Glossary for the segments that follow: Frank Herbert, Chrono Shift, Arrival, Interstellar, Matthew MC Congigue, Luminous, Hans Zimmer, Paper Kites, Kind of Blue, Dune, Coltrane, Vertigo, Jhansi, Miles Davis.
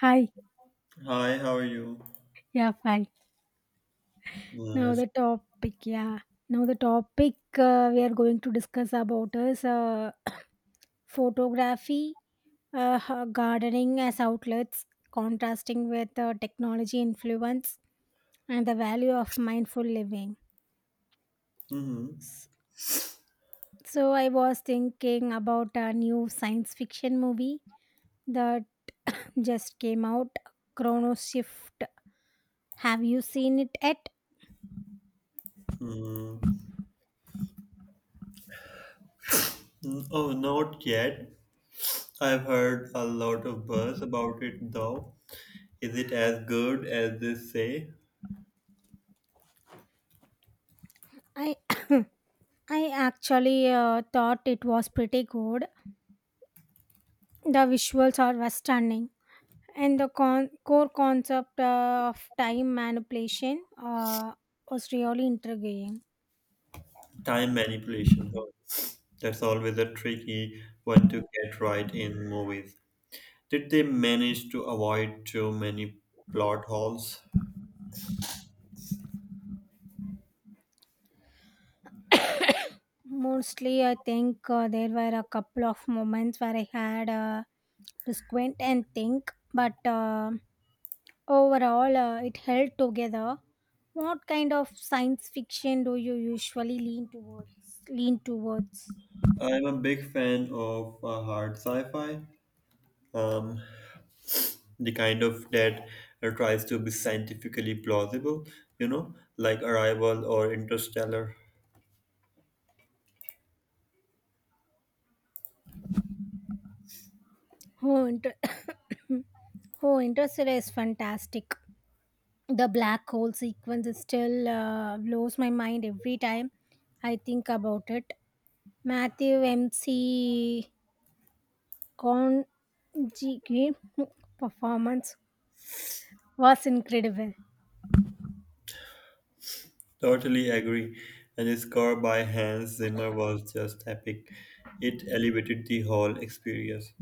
Hi. Hi, how are you? Yeah, fine. Now Yes. the topic, yeah. Now the topic we are going to discuss about is photography, gardening as outlets, contrasting with technology influence, and the value of mindful living. Mm-hmm. S- So I was thinking about a new science fiction movie that just came out, Chrono Shift. Have you seen it yet? Mm-hmm. Mm, oh, not yet. I've heard a lot of buzz about it, though. Is it as good as they say? I I actually thought it was pretty good. The visuals are were stunning, and the core concept of time manipulation was really intriguing. Time manipulation, huh? That's always a tricky one to get right in movies. Did they manage to avoid too many plot holes? Mostly, I think there were a couple of moments where I had to squint and think, but overall, it held together. What kind of science fiction do you usually lean towards? Lean towards? I'm a big fan of hard sci-fi. Um, the kind of that tries to be scientifically plausible, you know, like Arrival or Interstellar. Oh, inter- Oh, Interstellar is fantastic. The black hole sequence is still blows my mind every time I think about it. Matthew MC Congigue performance was incredible. Totally agree. And the score by Hans Zimmer was just epic. It elevated the whole experience.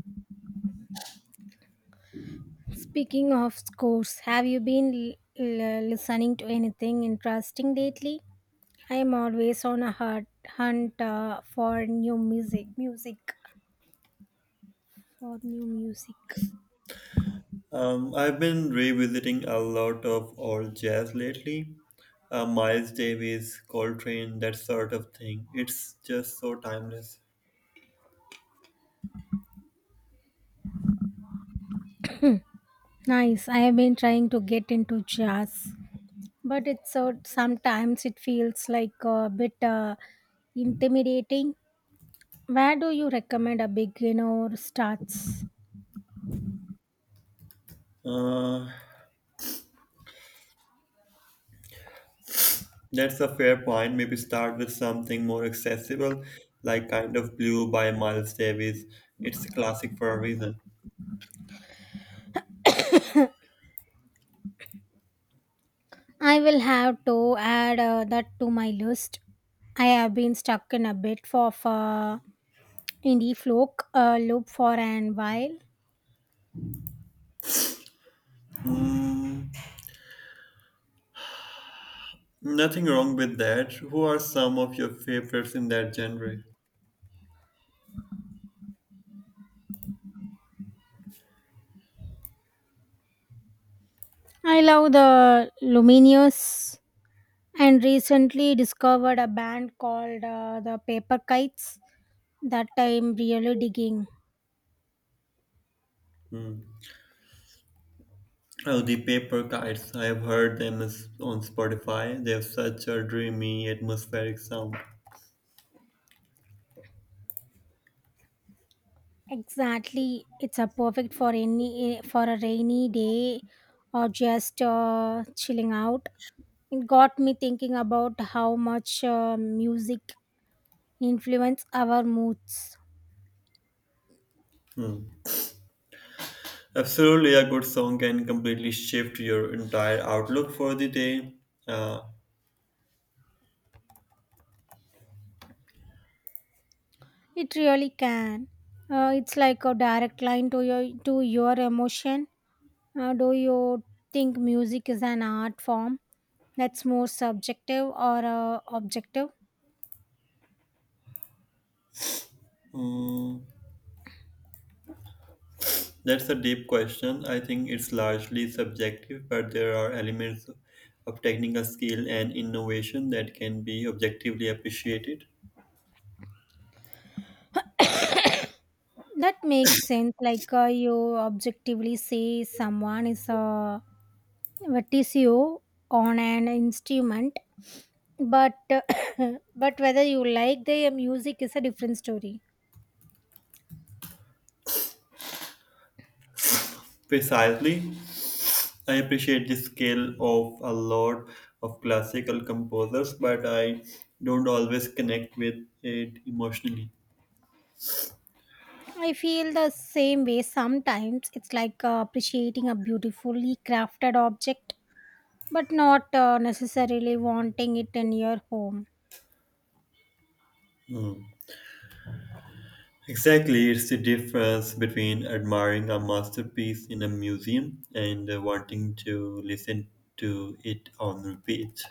Speaking of scores, have you been listening to anything interesting lately? I am always on a hunt, for new music, for new music. I've been revisiting a lot of old jazz lately. Miles Davis, Coltrane, that sort of thing. It's just so timeless. Nice. I have been trying to get into jazz, but it's so sometimes it feels like a bit intimidating. Where do you recommend a beginner starts? Uh, That's a fair point. Maybe start with something more accessible, like Kind of Blue by Miles Davis. It's a classic for a reason. I will have to add that to my list. I have been stuck in a bit of indie folk loop for an while. Mm, nothing wrong with that. Who are some of your favorites in that genre? I love the Luminous and recently discovered a band called the Paper Kites that I'm really digging. Hmm. Oh, the Paper Kites. I've heard them is on Spotify. They have such a dreamy, atmospheric sound. Exactly, it's a perfect for a rainy day or just chilling out. It got me thinking about how much music influence our moods. Hmm. Absolutely, a good song can completely shift your entire outlook for the day. Uh, It really can. It's like a direct line to your emotion. Do you think music is an art form that's more subjective or objective? hmm. That's a deep question. I think it's largely subjective, but there are elements of technical skill and innovation that can be objectively appreciated. That makes sense. Like you objectively say someone is a Vertigo on an instrument, but but whether you like their music is a different story. Precisely, I appreciate the skill of a lot of classical composers, but I don't always connect with it emotionally. I feel the same way sometimes. It's like appreciating a beautifully crafted object, but not necessarily wanting it in your home. Hmm. Exactly, it's the difference between admiring a masterpiece in a museum and wanting to listen to it on repeat.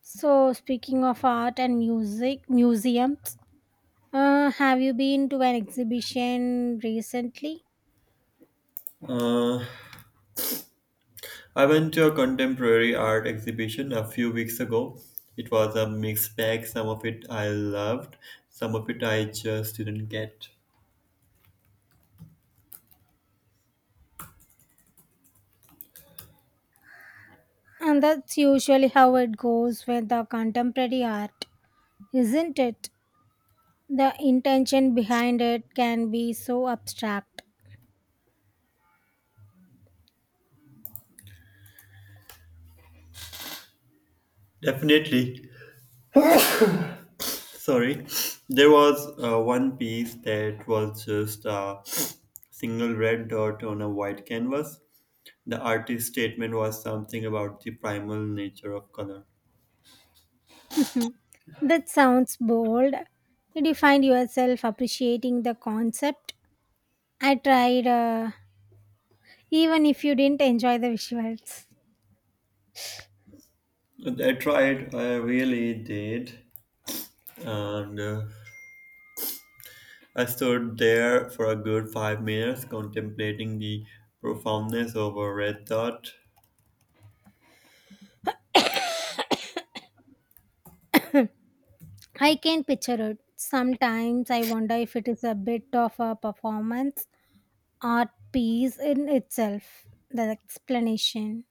So, speaking of art and music, museums, have you been to an exhibition recently? Uh, I went to a contemporary art exhibition a few weeks ago. It was a mixed bag. Some of it I loved, some of it I just didn't get. And that's usually how it goes with the contemporary art, isn't it? The intention behind it can be so abstract. Definitely. Sorry. There was one piece that was just a single red dot on a white canvas. The artist's statement was something about the primal nature of color. That sounds bold. Did you find yourself appreciating the concept? I tried, even if you didn't enjoy the visuals. I tried, I really did. And I stood there for a good 5 minutes contemplating the profoundness of a red dot. I can picture it. Sometimes I wonder if it is a bit of a performance art piece in itself. The explanation.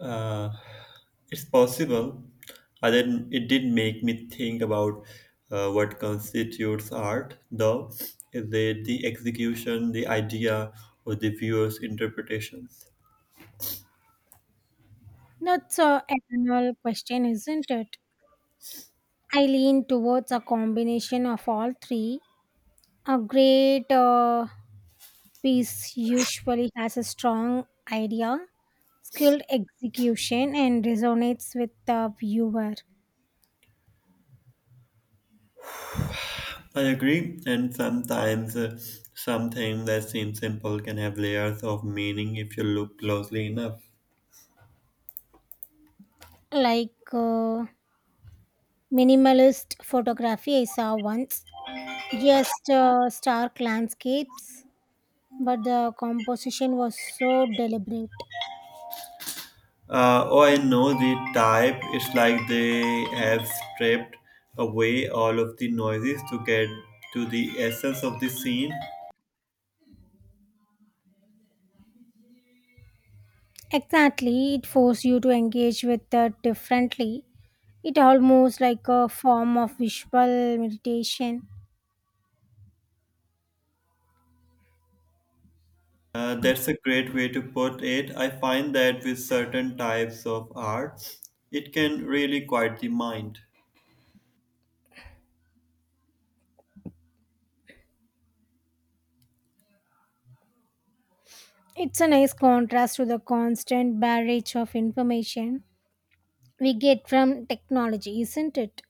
Uh, it's possible. I didn't, it did make me think about what constitutes art, though. Is it the execution, the idea, or the viewer's interpretations? Not so eternal question, isn't it? I lean towards a combination of all three. A great piece usually has a strong idea, skilled execution, and resonates with the viewer. I agree, and sometimes something that seems simple can have layers of meaning if you look closely enough. Like minimalist photography, I saw once just stark landscapes, but the composition was so deliberate. Oh, I know the type. It's like they have stripped away all of the noises to get to the essence of the scene. Exactly, it forced you to engage with it differently. It almost like a form of visual meditation. That's a great way to put it. I find that with certain types of art, it can really quiet the mind. It's a nice contrast to the constant barrage of information we get from technology, isn't it?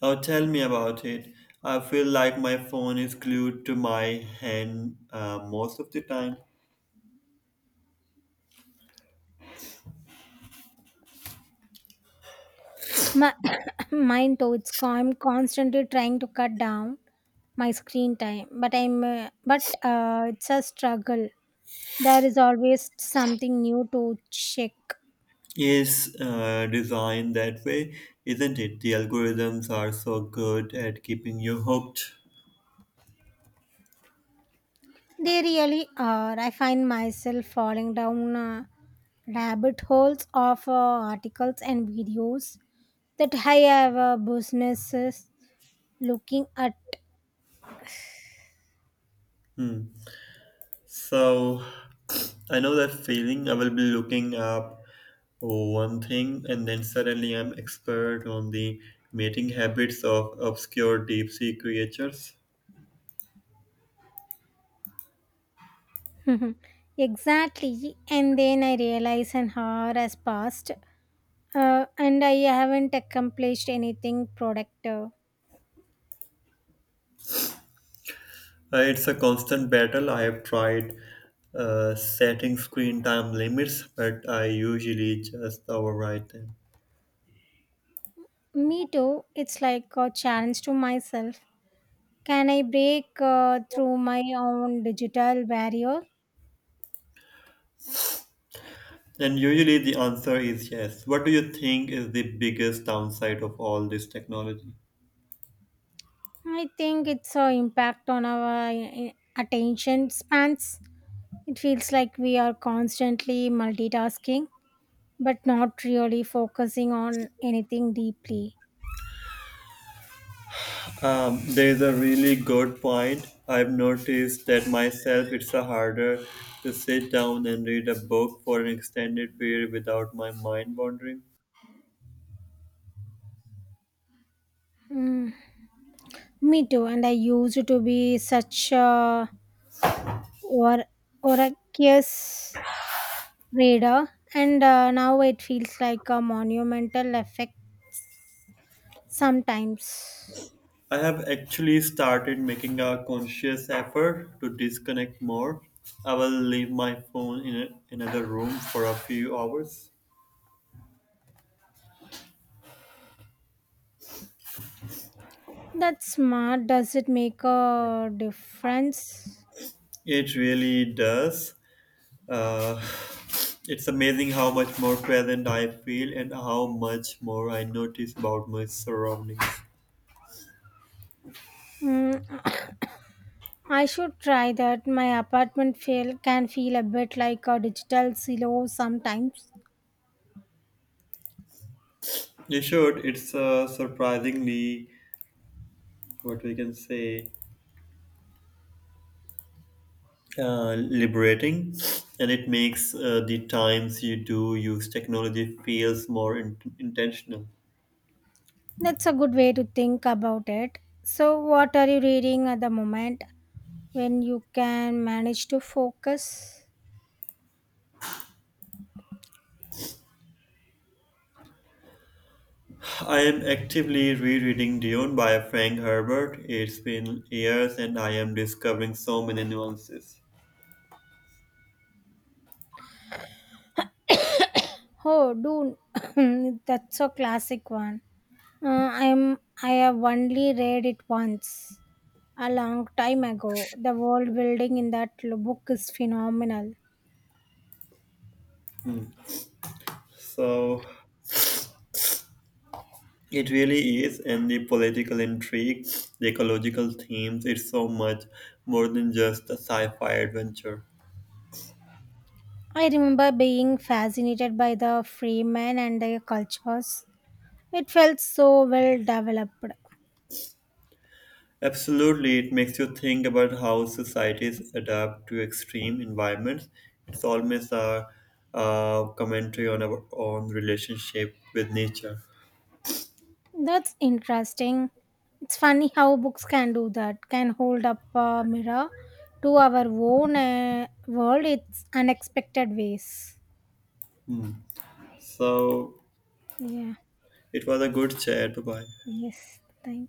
Oh, tell me about it. I feel like my phone is glued to my hand most of the time. My, Mine too. I'm constantly trying to cut down my screen time, but I'm but it's a struggle. There is always something new to check. Is designed that way, isn't it? The algorithms are so good at keeping you hooked. They really are. I find myself falling down rabbit holes of articles and videos that I have businesses looking at. Hmm. So I know that feeling. I will be looking up one thing, and then suddenly I'm expert on the mating habits of obscure deep sea creatures. Mhm. Exactly, and then I realize an hour has passed and I haven't accomplished anything productive. It's a constant battle. I have tried setting screen time limits, but I usually just override them. Me too. It's like a challenge to myself. Can I break through my own digital barrier? And usually the answer is yes. What do you think is the biggest downside of all this technology? I think it's a impact on our attention spans. It feels like we are constantly multitasking but not really focusing on anything deeply. There is a really good point. I've noticed that myself it's a harder to sit down and read a book for an extended period without my mind wandering. Me too. And I used to be such a or oraceous reader, and now it feels like a monumental effect sometimes. I have actually started making a conscious effort to disconnect more. I will leave my phone in a, another room for a few hours. That's smart. Does it make a difference? It really does. Uh, it's amazing how much more present I feel and how much more I notice about my surroundings. Mm, I should try that. My apartment feel can feel a bit like a digital silo sometimes. You should. It's surprisingly, what we can say, liberating, and it makes the times you do use technology feels more intentional. That's a good way to think about it. So, what are you reading at the moment when you can manage to focus? I am actively rereading Dune by Frank Herbert. It's been years, and I am discovering so many nuances. Oh, dude, that's a classic one. I have only read it once, a long time ago. The world building in that book is phenomenal. So it really is, and the political intrigue, the ecological themes, it's so much more than just a sci fi adventure. I remember being fascinated by the freemen and their cultures. It felt so well developed. Absolutely, it makes you think about how societies adapt to extreme environments. It's almost a, commentary on our own relationship with nature. That's interesting. It's funny how books can do that. Can hold up a mirror to our own world, in unexpected ways. Hmm. So, Yeah. it was a good chat. Bye bye. Yes, thank